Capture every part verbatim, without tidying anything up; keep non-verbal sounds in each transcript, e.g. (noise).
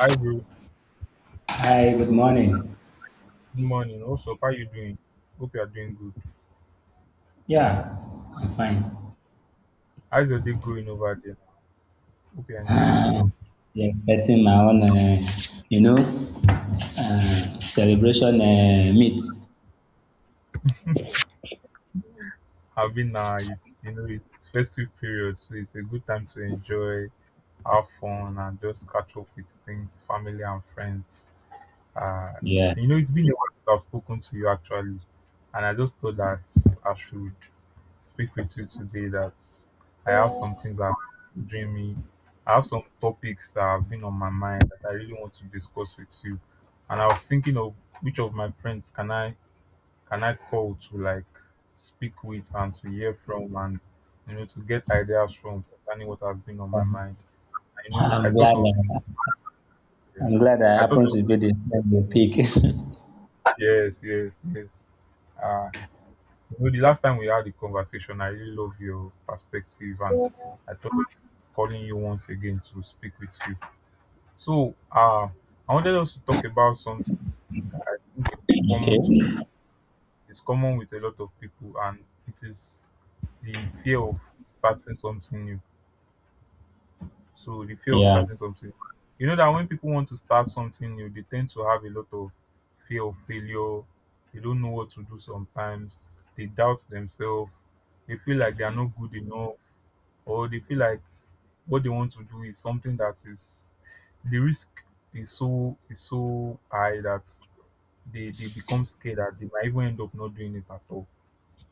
Hi, bro. Hi, good morning. Good morning. What's up? How are you doing? Hope you are doing good. Yeah, I'm fine. How's your day going over there? Hope you're enjoying yourself. Yeah, expecting my own, uh, you know, uh, celebration uh, meet. I've been uh, it's you know it's festive period, so it's a good time to enjoy, have fun, and just catch up with things, family and friends. Uh, Yeah, you know, it's been a while since I've spoken to you actually, and I just thought that I should speak with you today. That I have some things that are doing me. I have some topics that have been on my mind that I really want to discuss with you, and I was thinking of which of my friends can I can I call to like speak with and to hear from and you know to get ideas from concerning what has been on my (laughs) mind. I know I I'm thought glad. of, Uh, yeah, I'm glad I I thought happen of, to be the, the pig. (laughs) yes, yes, yes. Uh, You know, the last time we had the conversation, I really love your perspective, and I thought of calling you once again to speak with you. So, uh, I wanted us to talk about something I think it's common to people. Okay. It's common with a lot of people, and it is the fear of starting something new. So, the fear of Yeah, starting something. new. You know that when people want to start something new, they tend to have a lot of fear of failure. They don't know what to do sometimes. They doubt themselves. They feel like they are not good enough or they feel like what they want to do is something that is the risk is so is so high that they they become scared that they might even end up not doing it at all.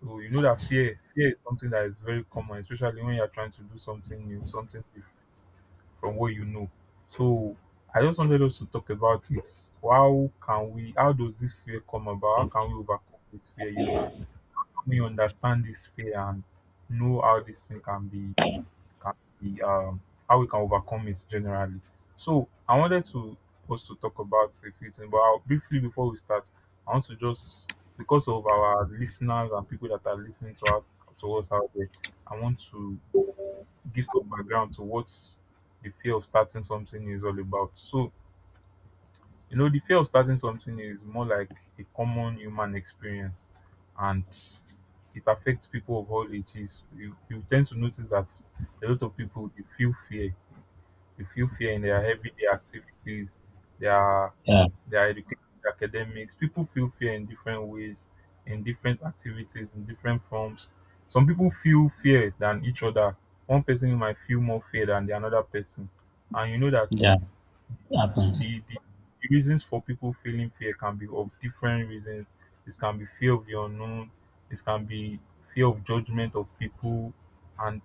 So you know that fear fear is something that is very common, especially when you're trying to do something new, something different from what you know. So I just wanted us to talk about it. How can we how does this fear come about? How can we overcome this fear? You know, we understand this fear and know how this thing can be can be um how we can overcome it generally. So I wanted to us to talk about a few things, but I'll, briefly before we start, I want to just because of our listeners and people that are listening to us to us out there, I want to give some background to what the fear of starting something is all about. So you know, the fear of starting something is more like a common human experience, and it affects people of all ages. You, you tend to notice that a lot of people they feel fear, you feel fear in their everyday activities, their yeah, their education, their academics. People feel fear in different ways, in different activities, in different forms. Some people feel fear than each other. One person might feel more fear than the another person, and you know that yeah. Happens. the, the the reasons for people feeling fear can be of different reasons. It can be fear of the unknown. It can be fear of judgment of people, and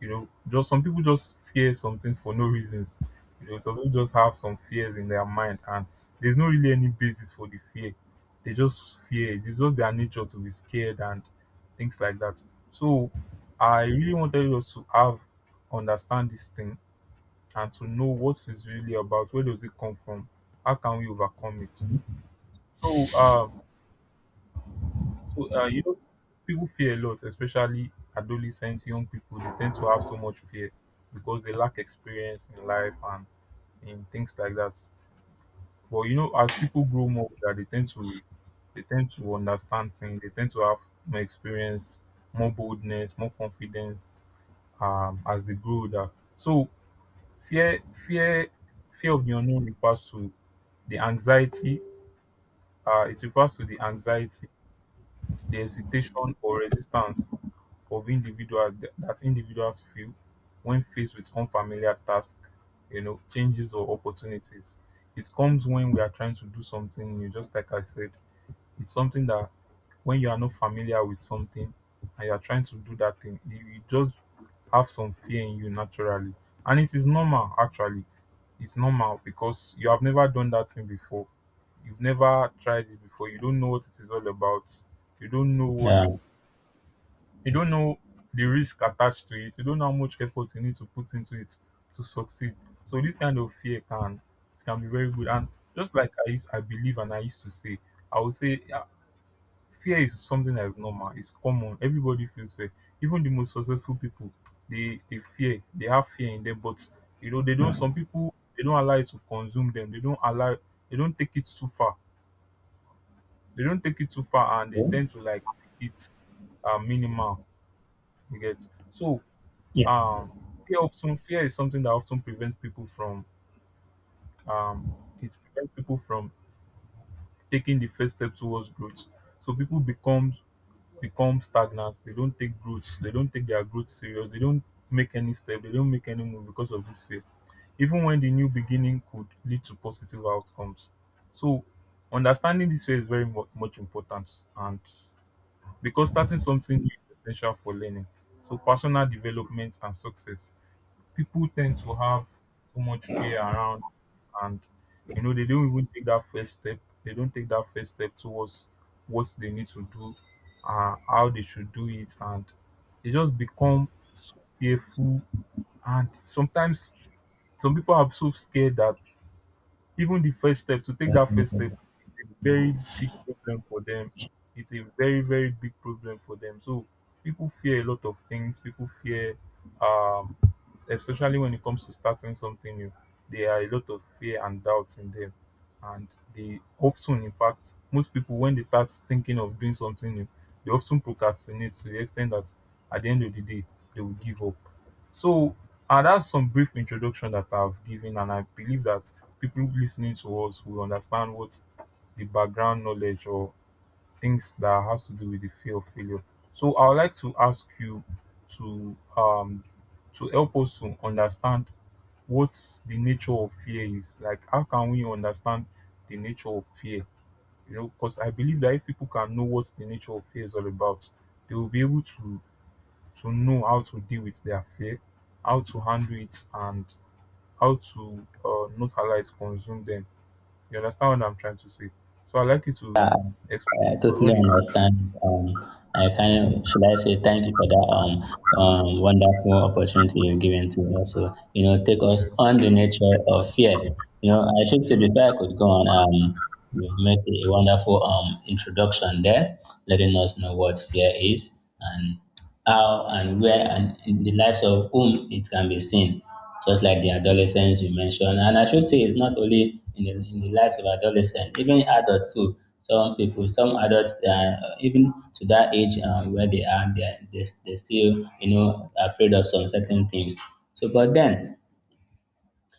you know, just some people just fear some things for no reasons. You know, some people just have some fears in their mind, and there's no really any basis for the fear. They just fear. It's just their nature to be scared and things like that. So, I really wanted us to have understand this thing and to know what it's really about. Where does it come from? How can we overcome it? So, uh, so uh, you know, people fear a lot, especially adolescents, young people. They tend to have so much fear because they lack experience in life and in things like that. But you know, as people grow more, that they tend to they tend to understand things. They tend to have more experience, more boldness, more confidence um, as they grow older. So fear, fear, fear of the unknown refers to The anxiety uh, it refers to the anxiety, the hesitation or resistance of individual that individuals feel when faced with unfamiliar tasks, you know, changes or opportunities. It comes when we are trying to do something new, just like I said. It's something that when you are not familiar with something and you are trying to do that thing, you, you just have some fear in you naturally. And it is normal, actually. It's normal because you have never done that thing before. You've never tried it before. You don't know what it is all about. You don't know what, Yeah. you don't know the risk attached to it. You don't know how much effort you need to put into it to succeed. So this kind of fear can it can be very good. And just like I used, I believe, and I used to say, I would say fear is something that is normal, it's common. Everybody feels fear. Even the most successful people, they they fear, they have fear in them, but you know, they don't some people they don't allow it to consume them. They don't allow they don't take it too far. They don't take it too far and they Okay. tend to like make it uh, minimal. You get so um fear often, fear is something that often prevents people from um it prevents people from taking the first step towards growth. So people become become stagnant. They don't take growth. They don't take their growth serious. They don't make any step. They don't make any move because of this fear. Even when the new beginning could lead to positive outcomes. So understanding this fear is very mu- much important, and because starting something new is essential for learning. So personal development and success people tend to have so much fear around this and you know they don't even take that first step they don't take that first step towards what they need to do, uh, how they should do it and they just become so fearful and sometimes some people are so scared that even the first step, to take Yeah. that first step, is a very big problem for them. It's a very, very big problem for them. So people fear a lot of things. People fear, um, especially when it comes to starting something new, there are a lot of fear and doubts in them. And they often, in fact, most people, when they start thinking of doing something new, they often procrastinate to the extent that at the end of the day, they will give up. So, and that's some brief introduction that I've given, and I believe that people listening to us will understand what the background knowledge or things that has to do with the fear of failure. So, I would like to ask you to um to help us to understand what's the nature of fear is like how can we understand the nature of fear you know because I believe that if people can know what the nature of fear is all about they will be able to to know how to deal with their fear, how to handle it, and how to uh, not allow it consume them. You understand what I'm trying to say? So I like you to explain I totally what in. understand. Um, I kind of should I say thank you for that um, um wonderful opportunity you've given to us to you know take us on the nature of fear. You know, I think to Yeah. before I could go on, um, you've made a wonderful um introduction there, letting us know what fear is and how and where and in the lives of whom it can be seen, just like the adolescents you mentioned. And I should say it's not only in the, in the lives of adolescents, even adults too. Some people, some adults, uh, even to that age uh, where they are, they're, they're, they're still, you know, afraid of some certain things. So, but then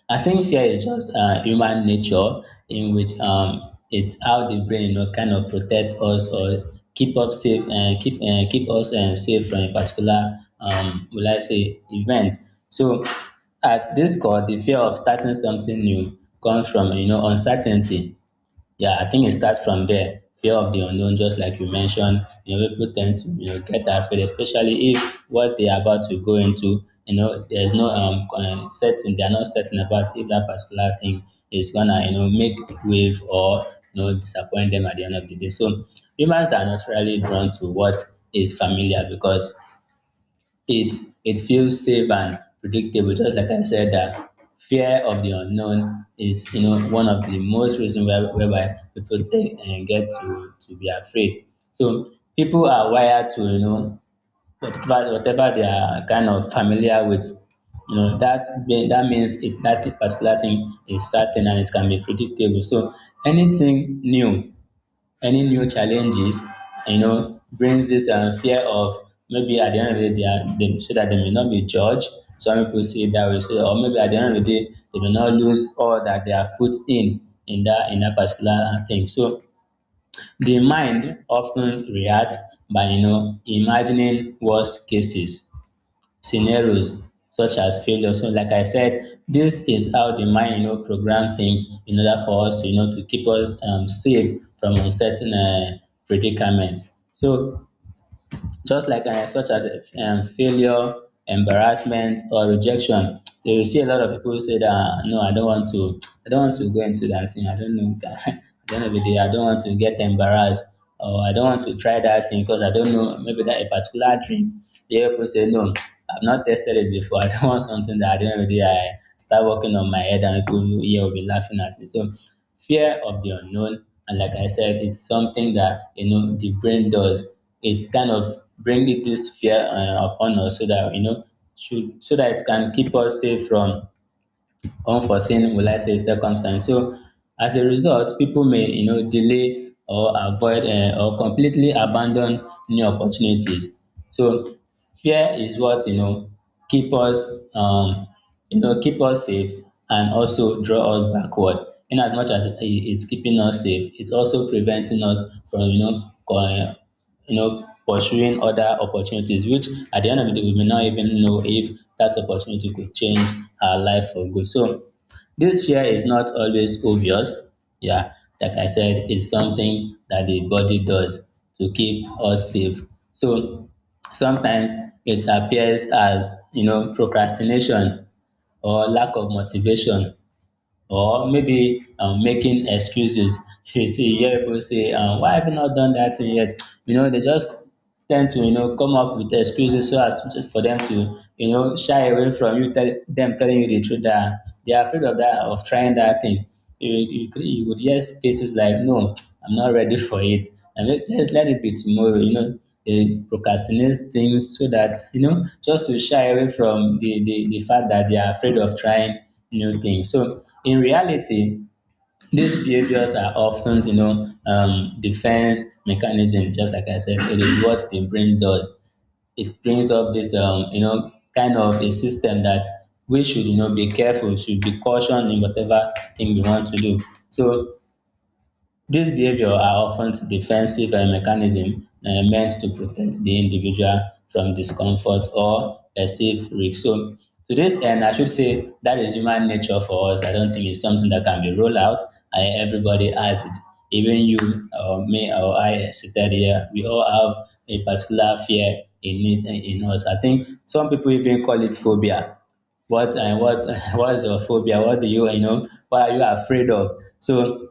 I think fear is just uh, human nature in which um, it's how the brain you know, kind of protect us or keep up safe and keep uh, keep us uh, safe from a particular um, will I say event. So at this core, the fear of starting something new comes from you know uncertainty. Yeah, I think it starts from there. Fear of the unknown, just like you mentioned, you know, people tend to you know get afraid, especially if what they are about to go into, you know, there's no um uh, certain they are not certain about if that particular thing is gonna you know make wave or you know disappoint them at the end of the day. So humans are naturally drawn to what is familiar because it it feels safe and predictable, just like I said that fear of the unknown is you know one of the most reason where, whereby people take and get to to be afraid. So people are wired to you know whatever whatever they are kind of familiar with. You know that mean- that means if that particular thing is certain and it can be predictable. So anything new, any new challenges, you know, brings this um, fear of maybe at the end of the day, they are, they, so that they may not be judged. Some people see it that way, so, or maybe at the end of the day, they may not lose all that they have put in in that in that particular thing. So the mind often reacts by you know imagining worst cases scenarios such as failure. So like I said, this is how the mind, you know, program things in order for us, you know, to keep us um, safe from uncertain uh, predicaments. So just like um such as um failure, embarrassment or rejection. So you see a lot of people say that "Ah, no, I don't want to, I don't want to go into that thing. I don't know, (laughs) I don't know, if they- I don't want to get embarrassed or I don't want to try that thing because I don't know maybe that a particular drink. The other people say no, I've not tested it before. (laughs) I don't want something that I don't know. If I start working on my head and people here will be laughing at me. So fear of the unknown and like I said it's something that you know the brain does, it kind of bring it this fear uh, upon us so that you know should so that it can keep us safe from unforeseen will I say circumstance. So as a result, people may you know delay or avoid um or completely abandon new opportunities. So fear is what you know keep us um you know keep us safe and also draw us backward. In as much as it is keeping us safe, it's also preventing us from you know co- you know, pursuing other opportunities, which at the end of the day, we may not even know if that opportunity could change our life for good. So this fear is not always obvious. Yeah, like I said, it's something that the body does to keep us safe. So sometimes it appears as you know procrastination or lack of motivation or maybe um, making excuses. (laughs) You see, you hear people say, um, "Why have you not done that thing yet?" (tsk) You know, they just tend to you know come up with excuses so as to, for them to you know shy away from you tell them telling you the truth that they are afraid of that of trying that thing. you you, could- you would hear cases like no, I'm not ready for it and let, let, let it be tomorrow, you know, they procrastinate things so that you know just to shy away from the, the the fact that they are afraid of trying new things. So in reality these behaviors are often, you know, um, defense mechanism. Just like I said, it is what the brain does. It brings up this, um, you know, kind of a system that we should, you know, be careful, should be cautioned in whatever thing we want to do. So these behaviors are often defensive uh, mechanisms uh, meant to protect the individual from discomfort or perceived risk. So, to this end, I should say that is human nature for us. I don't think it's something that can be rolled out. I, everybody has it. Even you or me or I seated here, we all have a particular fear in it, in us. I think some people even call it phobia. What and what, (laughs) what is your phobia, what do you you know what are you afraid of? So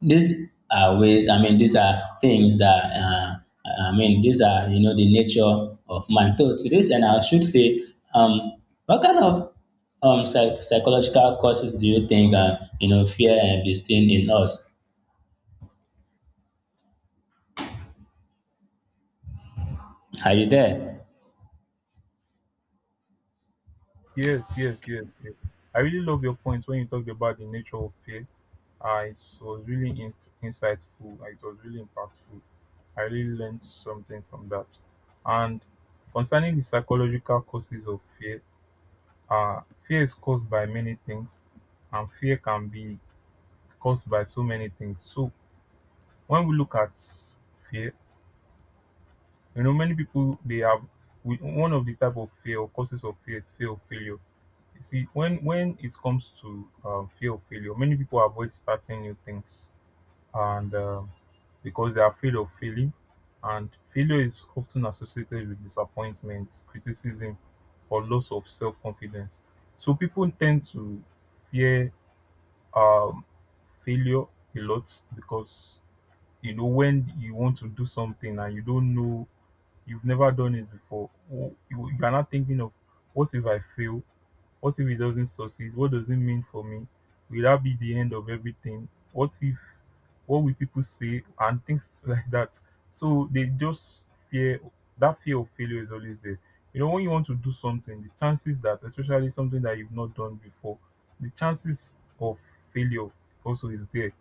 these are ways, I mean, these are things that, uh, I mean, these are, you know, the nature of man. So to this end, I should say, um, what kind of um, psych- psychological causes do you think, uh, you know, fear and be seen in us? Are you there? Yes, yes, yes, yes. I really love your point when you talked about the nature of fear. Uh, it was really in- insightful. Uh, It was really impactful. I really learned something from that. And concerning the psychological causes of fear, Uh, fear is caused by many things, and fear can be caused by so many things. So when we look at fear, you know, many people they have we, one of the type of fear or causes of fear is fear of failure. You see, when when it comes to um, fear of failure, many people avoid starting new things, and um because they are afraid of failing, and failure is often associated with disappointment, criticism, or loss of self confidence. So people tend to fear um failure a lot because you know when you want to do something and you don't know you've never done it before, w- you, you are not thinking of what if I fail, what if it doesn't succeed? What does it mean for me? Will that be the end of everything? What if what will people say and things (laughs) like that? So they just fear that fear of failure is always there. You know, when you want to do something, the chances that, especially something that you've not done before, the chances of failure also is there.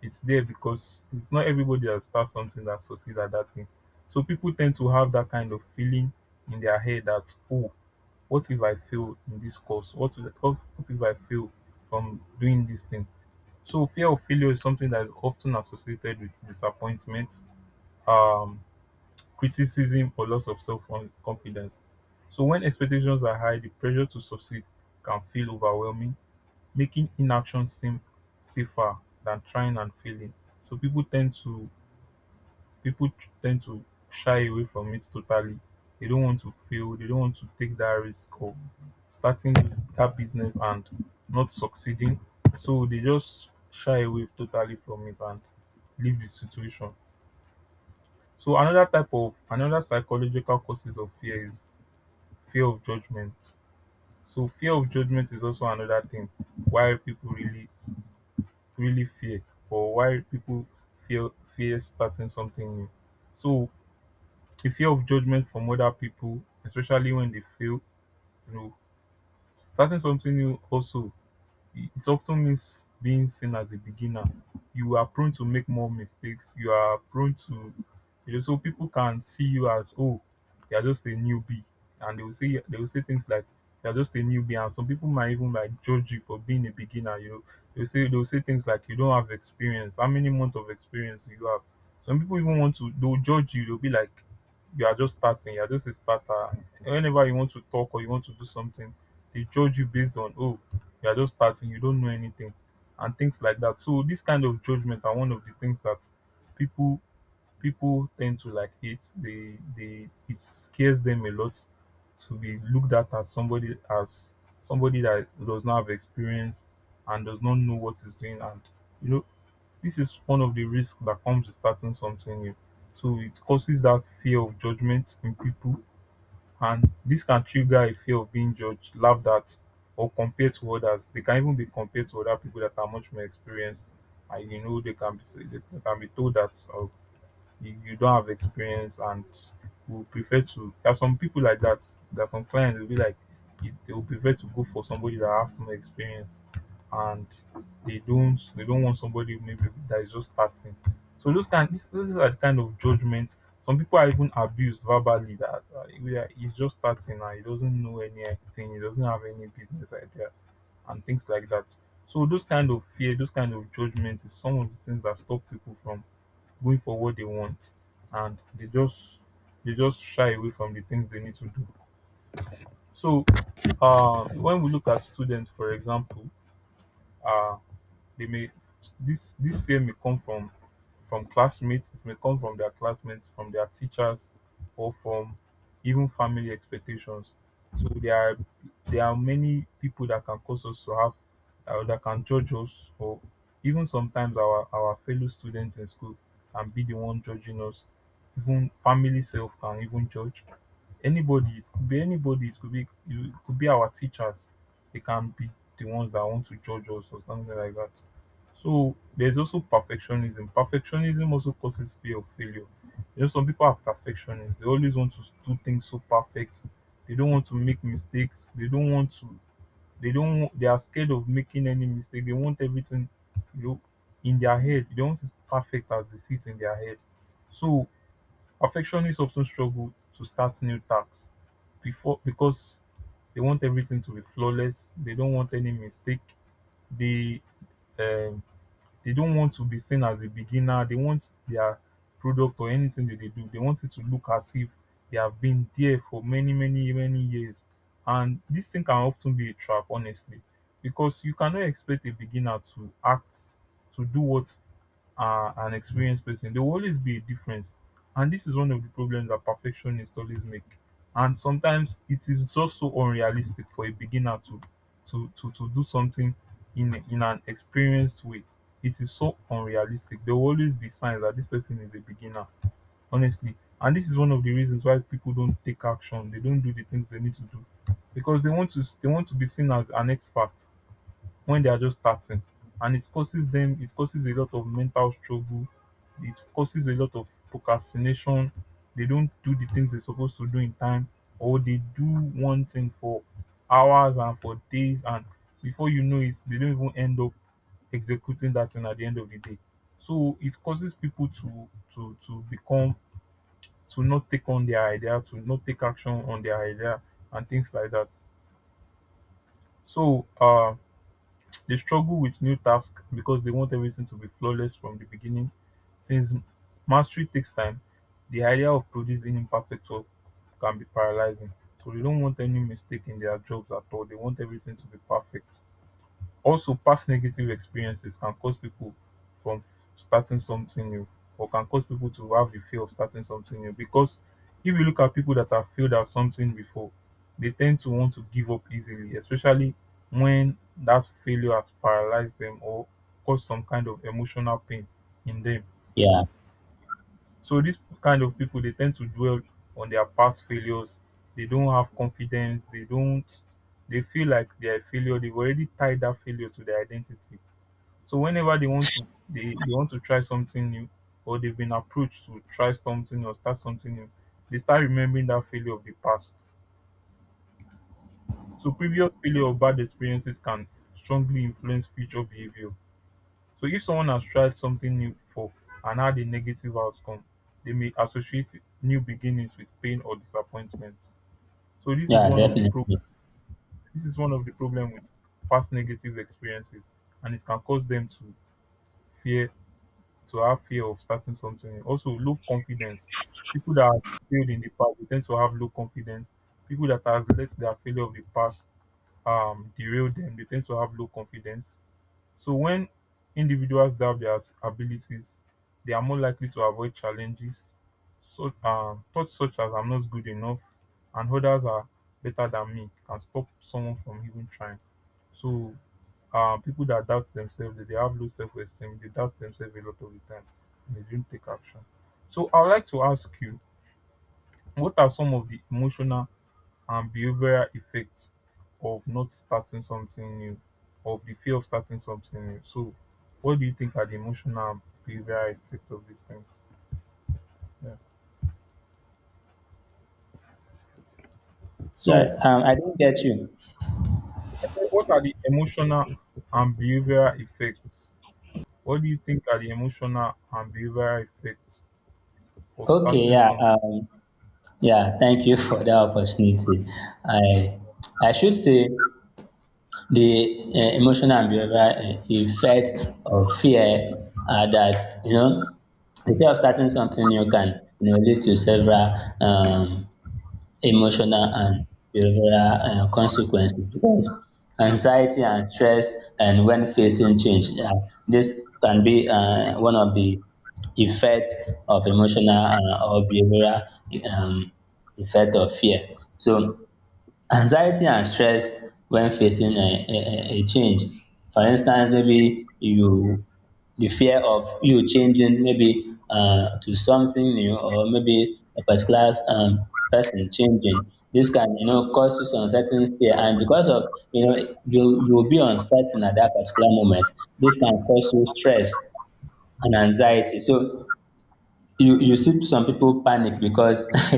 It's there because it's not everybody that starts something that succeeds at that thing. So people tend to have that kind of feeling in their head that, oh, what if I fail in this course? What if, what what if I fail from doing this thing? So fear of failure is something that is often associated with disappointment, um, criticism, or loss of self-confidence. So when expectations are high, the pressure to succeed can feel overwhelming, making inaction seem safer than trying and failing. So people tend to people tend to shy away from it totally. They don't want to fail. They don't want to take that risk of starting that business and not succeeding. So they just shy away totally from it and leave the situation. So another type of another psychological causes of fear is fear of judgment. So fear of judgment is also another thing why people really really fear or why people fear fear starting something new. So the fear of judgment from other people, especially when they fail, you know, starting something new also it often means being seen as a beginner. You are prone to make more mistakes. You are prone to, you know, so people can see you as, oh, you're just a newbie. And they will say, they will say things like, you're just a newbie. And some people might even like judge you for being a beginner. You know, they'll say, they'll say things like, you don't have experience. How many months of experience do you have? Some people even want to, they'll judge you. They'll be like, you are just starting. You're just a starter. Whenever you want to talk or you want to do something, they judge you based on, oh, you are just starting, you don't know anything, and things like that. So this kind of judgment are one of the things that people people tend to like hate. They they it scares them a lot to be looked at as somebody as somebody that does not have experience and does not know what is doing. And you know, this is one of the risks that comes with starting something new, so it causes that fear of judgment in people. And this can trigger a fear of being judged, laughed at, or compared to others. They can even be compared to other people that are much more experienced. And you know, they can be they can be told that uh, you, you don't have experience and will prefer to there are some people like that. There are some clients will be like they they will prefer to go for somebody that has more experience, and they don't they don't want somebody maybe that is just starting. So those kind these, those are the kind of judgments. Some people are even abused verbally, that uh, we are- he's just starting and he doesn't know anything, he doesn't have any business idea, and things like that. So those kind of fear, those kind of judgments is some of the things that stop people from going for what they want, and they just they just shy away from the things they need to do. So uh, when we look at students, for example, uh, they may this this fear may come from from classmates it may come from their classmates, from their teachers, or from even family expectations. So there are there are many people that can cause us to have uh, that can judge us. Or even sometimes our our fellow students in school can be the one judging us. Even family self can even judge. Anybody, it could be anybody, it could be it could be our teachers. They can be the ones that want to judge us or something like that. So there's also perfectionism. Perfectionism also causes fear of failure. You know, some people are perfectionists. They always want to do things so perfect. They don't want to make mistakes. They don't want to. They don't. Want- They are scared of making any mistake. They want everything, you know, in their head. They want it perfect as they see it in their head. So perfectionists often struggle to start new tasks before because they want everything to be flawless. They don't want any mistake. They um, they don't want to be seen as a beginner. They want their product or anything that they do, they want it to look as if they have been there for many, many, many years. And this thing can often be a trap, honestly, because you cannot expect a beginner to act, to do what uh, an experienced person. There will always be a difference. And this is one of the problems that perfectionists always make. And sometimes it is just so unrealistic for a beginner to to to, to do something in in an experienced way. It is so unrealistic. There will always be signs that this person is a beginner, honestly. And this is one of the reasons why people don't take action. They don't do the things they need to do because they want to they want to be seen as an expert when they are just starting. And it causes them it causes a lot of mental struggle, it causes a lot of procrastination. They don't do the things they're supposed to do in time, or they do one thing for hours and for days, and before you know it they don't even end up executing that thing at the end of the day. So it causes people to to to become to not take on their idea, to not take action on their idea, and things like that. So um they struggle with new tasks because they want everything to be flawless from the beginning. Since mastery takes time, the idea of producing imperfect work can be paralyzing. So they don't want any mistake in their jobs at all. They want everything to be perfect. Also, past negative experiences can cause people from starting something new, or can cause people to have the fear of starting something new. Because if you look at people that have failed at something before, they tend to want to give up easily, especially when that failure has paralyzed them or caused some kind of emotional pain in them. Yeah, So dis kind of people, they tend to dwell on their past failures. They don't have confidence. They don't they feel like they are a failure. They've already tied that failure to their identity. So whenever they want to they, they want to try something new, or they've been approached to try something or start something new, they start remembering that failure of the past. So previous failure or bad experiences can strongly influence future behavior. So if someone has tried something new before and had a negative outcome, they may associate new beginnings with pain or disappointment. So this is yeah, one of the pro- definitely. this is one of the problem with past negative experiences, and it can cause them to fear, to have fear of starting something. Also, low confidence. People that have failed in the past they tend to have low confidence. People that have let their failure of the past um, derail them, they tend to have low confidence. So when individuals doubt their abilities, they are more likely to avoid challenges. So um, thoughts such as "I'm not good enough" and "others are better than me" can stop someone from even trying. So um, people that doubt themselves, they, they have low self esteem, they doubt themselves a lot of the times, and they don't take action. So, I would like to ask you, what are some of the emotional and behavioral effects of not starting something new, of the fear of starting something new? So, what do you think are the emotional and behavioral effects of these things? Yeah. Sorry, So, um, I didn't get you. I said, what are the emotional and behavioral effects? What do you think are the emotional and behavioral effects of Okay, starting yeah, something? um, yeah, thank you (laughs) for the opportunity. I I should say the uh, emotional and behavioral uh, effect of fear are that you know the fear of starting something new can you know, lead to several um, emotional and behavioral uh, consequences. Because anxiety and stress, and when facing change, yeah, this can be uh, one of the effect of emotional uh, or behavioral um, effect of fear. So anxiety and stress when facing a, a, a a change. For instance, maybe you the fear of you changing maybe uh, to something new or maybe a particular um, person changing. This can you know cause you some certain fear, and because of you know you you will be uncertain at that particular moment. This can cause you stress and anxiety. So you you see some people panic because (laughs)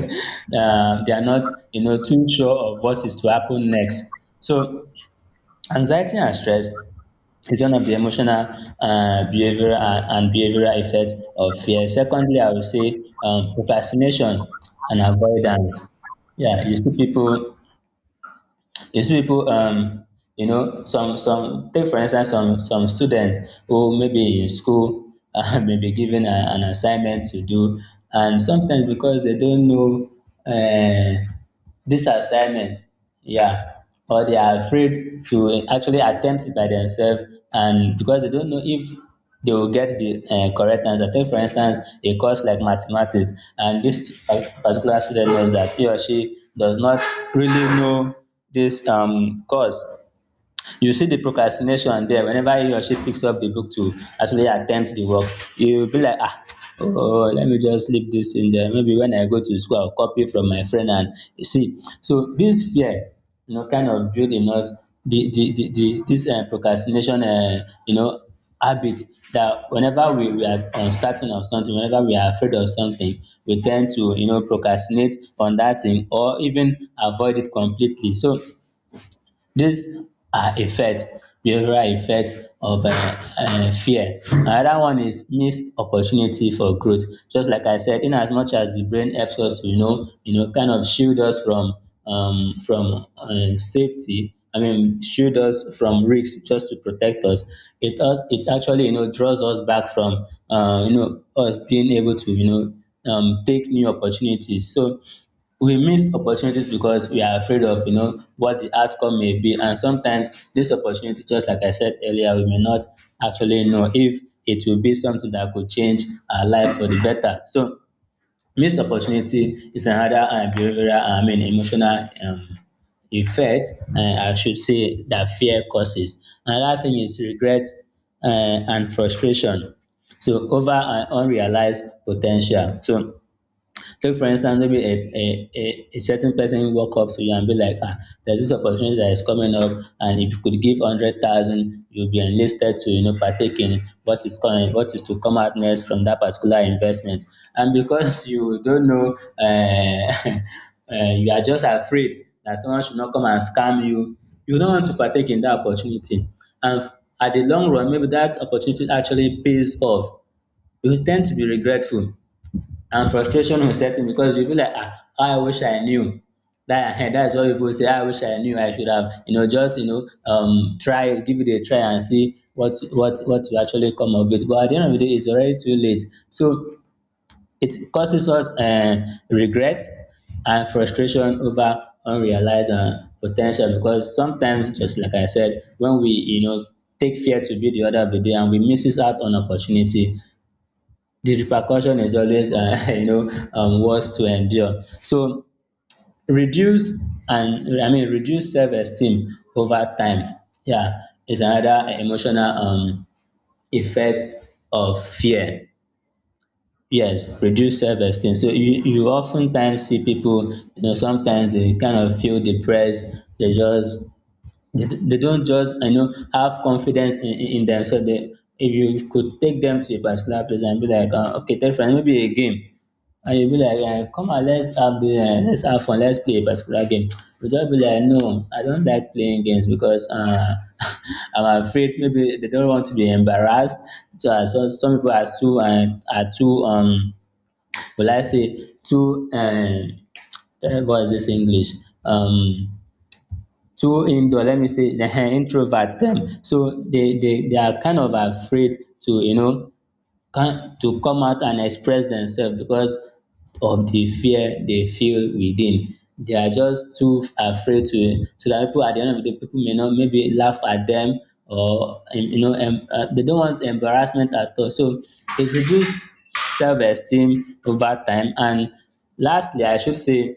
um, they are not you know too sure of what is to happen next. So anxiety and stress is one of the emotional uh, behavioral and, and behavioral effect of fear. Secondly I would say um, procrastination and avoidance. Yeah, you see people, you see people, um, you know, some some take for instance some some students who maybe in school (laughs) uh, may be given a, an assignment to do, and sometimes because they don't know uh, this assignment, yeah, or they are afraid to actually attempt it by themselves, and because they don't know if they will get the uh, correct answer. Take for instance a course like mathematics, and this pa- particular student knows that he or she does not really know this um course. You see the procrastination there, whenever he or she picks up the book to actually attempt the work, you will be like ah, oh let me just leave this in there, maybe when I go to school I'll copy from my friend. And you see, so this fear you know kind of build in us the the the, the this uh, procrastination uh, you know habit, that whenever we, we are uncertain of something, whenever we are afraid of something, we tend to you know procrastinate on that thing or even avoid it completely. So these are effects, behavioral effects of uh, uh, fear. Another one is missed opportunity for growth. Just like I said, in as much as the brain helps us, you know, you know, kind of shield us from um, from uh, safety. I mean, shield us from risks just to protect us. It us- it actually you know draws us back from uh, you know us being able to you know um, take new opportunities. So we miss opportunities because we are afraid of you know what the outcome may be, and sometimes this opportunity, just like I said earlier, we may not actually know if it will be something that could change our life for the better. So missed opportunity is another uh, behavioral, I mean emotional, um, effect. uh, I should say that fear causes. Another thing is regret, uh, and frustration, so, over an unrealized potential. So take for instance, maybe a a a a certain person walk up to you and be like, ah, there's this opportunity that is coming up, and if you could give hundred thousand, you'll be enlisted to you know partake in what is coming what is to come out next from that particular investment. And because (laughs) you don't know, um (laughs) you are just afraid that someone should not come and scam you. You don't want to partake in that opportunity, and at the long run, maybe that opportunity actually pays off. You tend to be regretful, and frustration will set in, because you'll be like, ah, I wish I knew. That, (laughs) that's what people say. I wish I knew. I should have, you know, just you know, um, try, give it a try, and see what what what will actually come of it. But at the end of the day, it's already too late. So it causes us uh, regret and frustration over unrealized uh, potential. Because sometimes, just like I said, when we you know take fear to be the order of the day, and we misses out on opportunity, the repercussion is always uh, (laughs) you know um, worse to endure. So, reduce, and I mean, reduce self-esteem over time, yeah, is another emotional um, effect of fear. Yes, reduce self-esteem. So you you oftentimes see people, you know sometimes they kind of feel depressed. They just, they, they don't just you know have confidence in, in in themselves. They, if you could take them to a particular place and be like, uh, okay, take for example, maybe a game, and you be like, um come on, let's have the um let's have fun, let's play a particular game, (tsk) but just be like, no, I don't like playing games because um (laughs) I'm afraid. Maybe they don't want to be embarrassed. So, and so, some people are too, um are too um will I say too, um um what is this English, um too indoor, let me say, (laughs) um introvert them. So they they they are kind of afraid to, you know can to come out and express themselves, because of the fear they feel within. They are just too afraid to, so that people at the end of the day, people may not maybe laugh at them, or um, you know um, uh, they don't want embarrassment at all. So it reduces self-esteem over time. And lastly, I should say,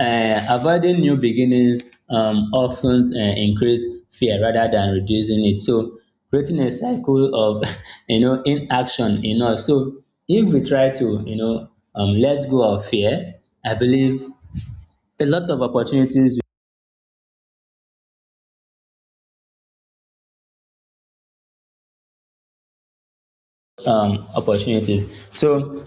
um avoiding new beginnings um of ten um increase fear rather than reducing it, so creating a cycle of (laughs) you know inaction in us. So if we try to you know um let go of fear, I believe a lot of opportunities um opportunities, so.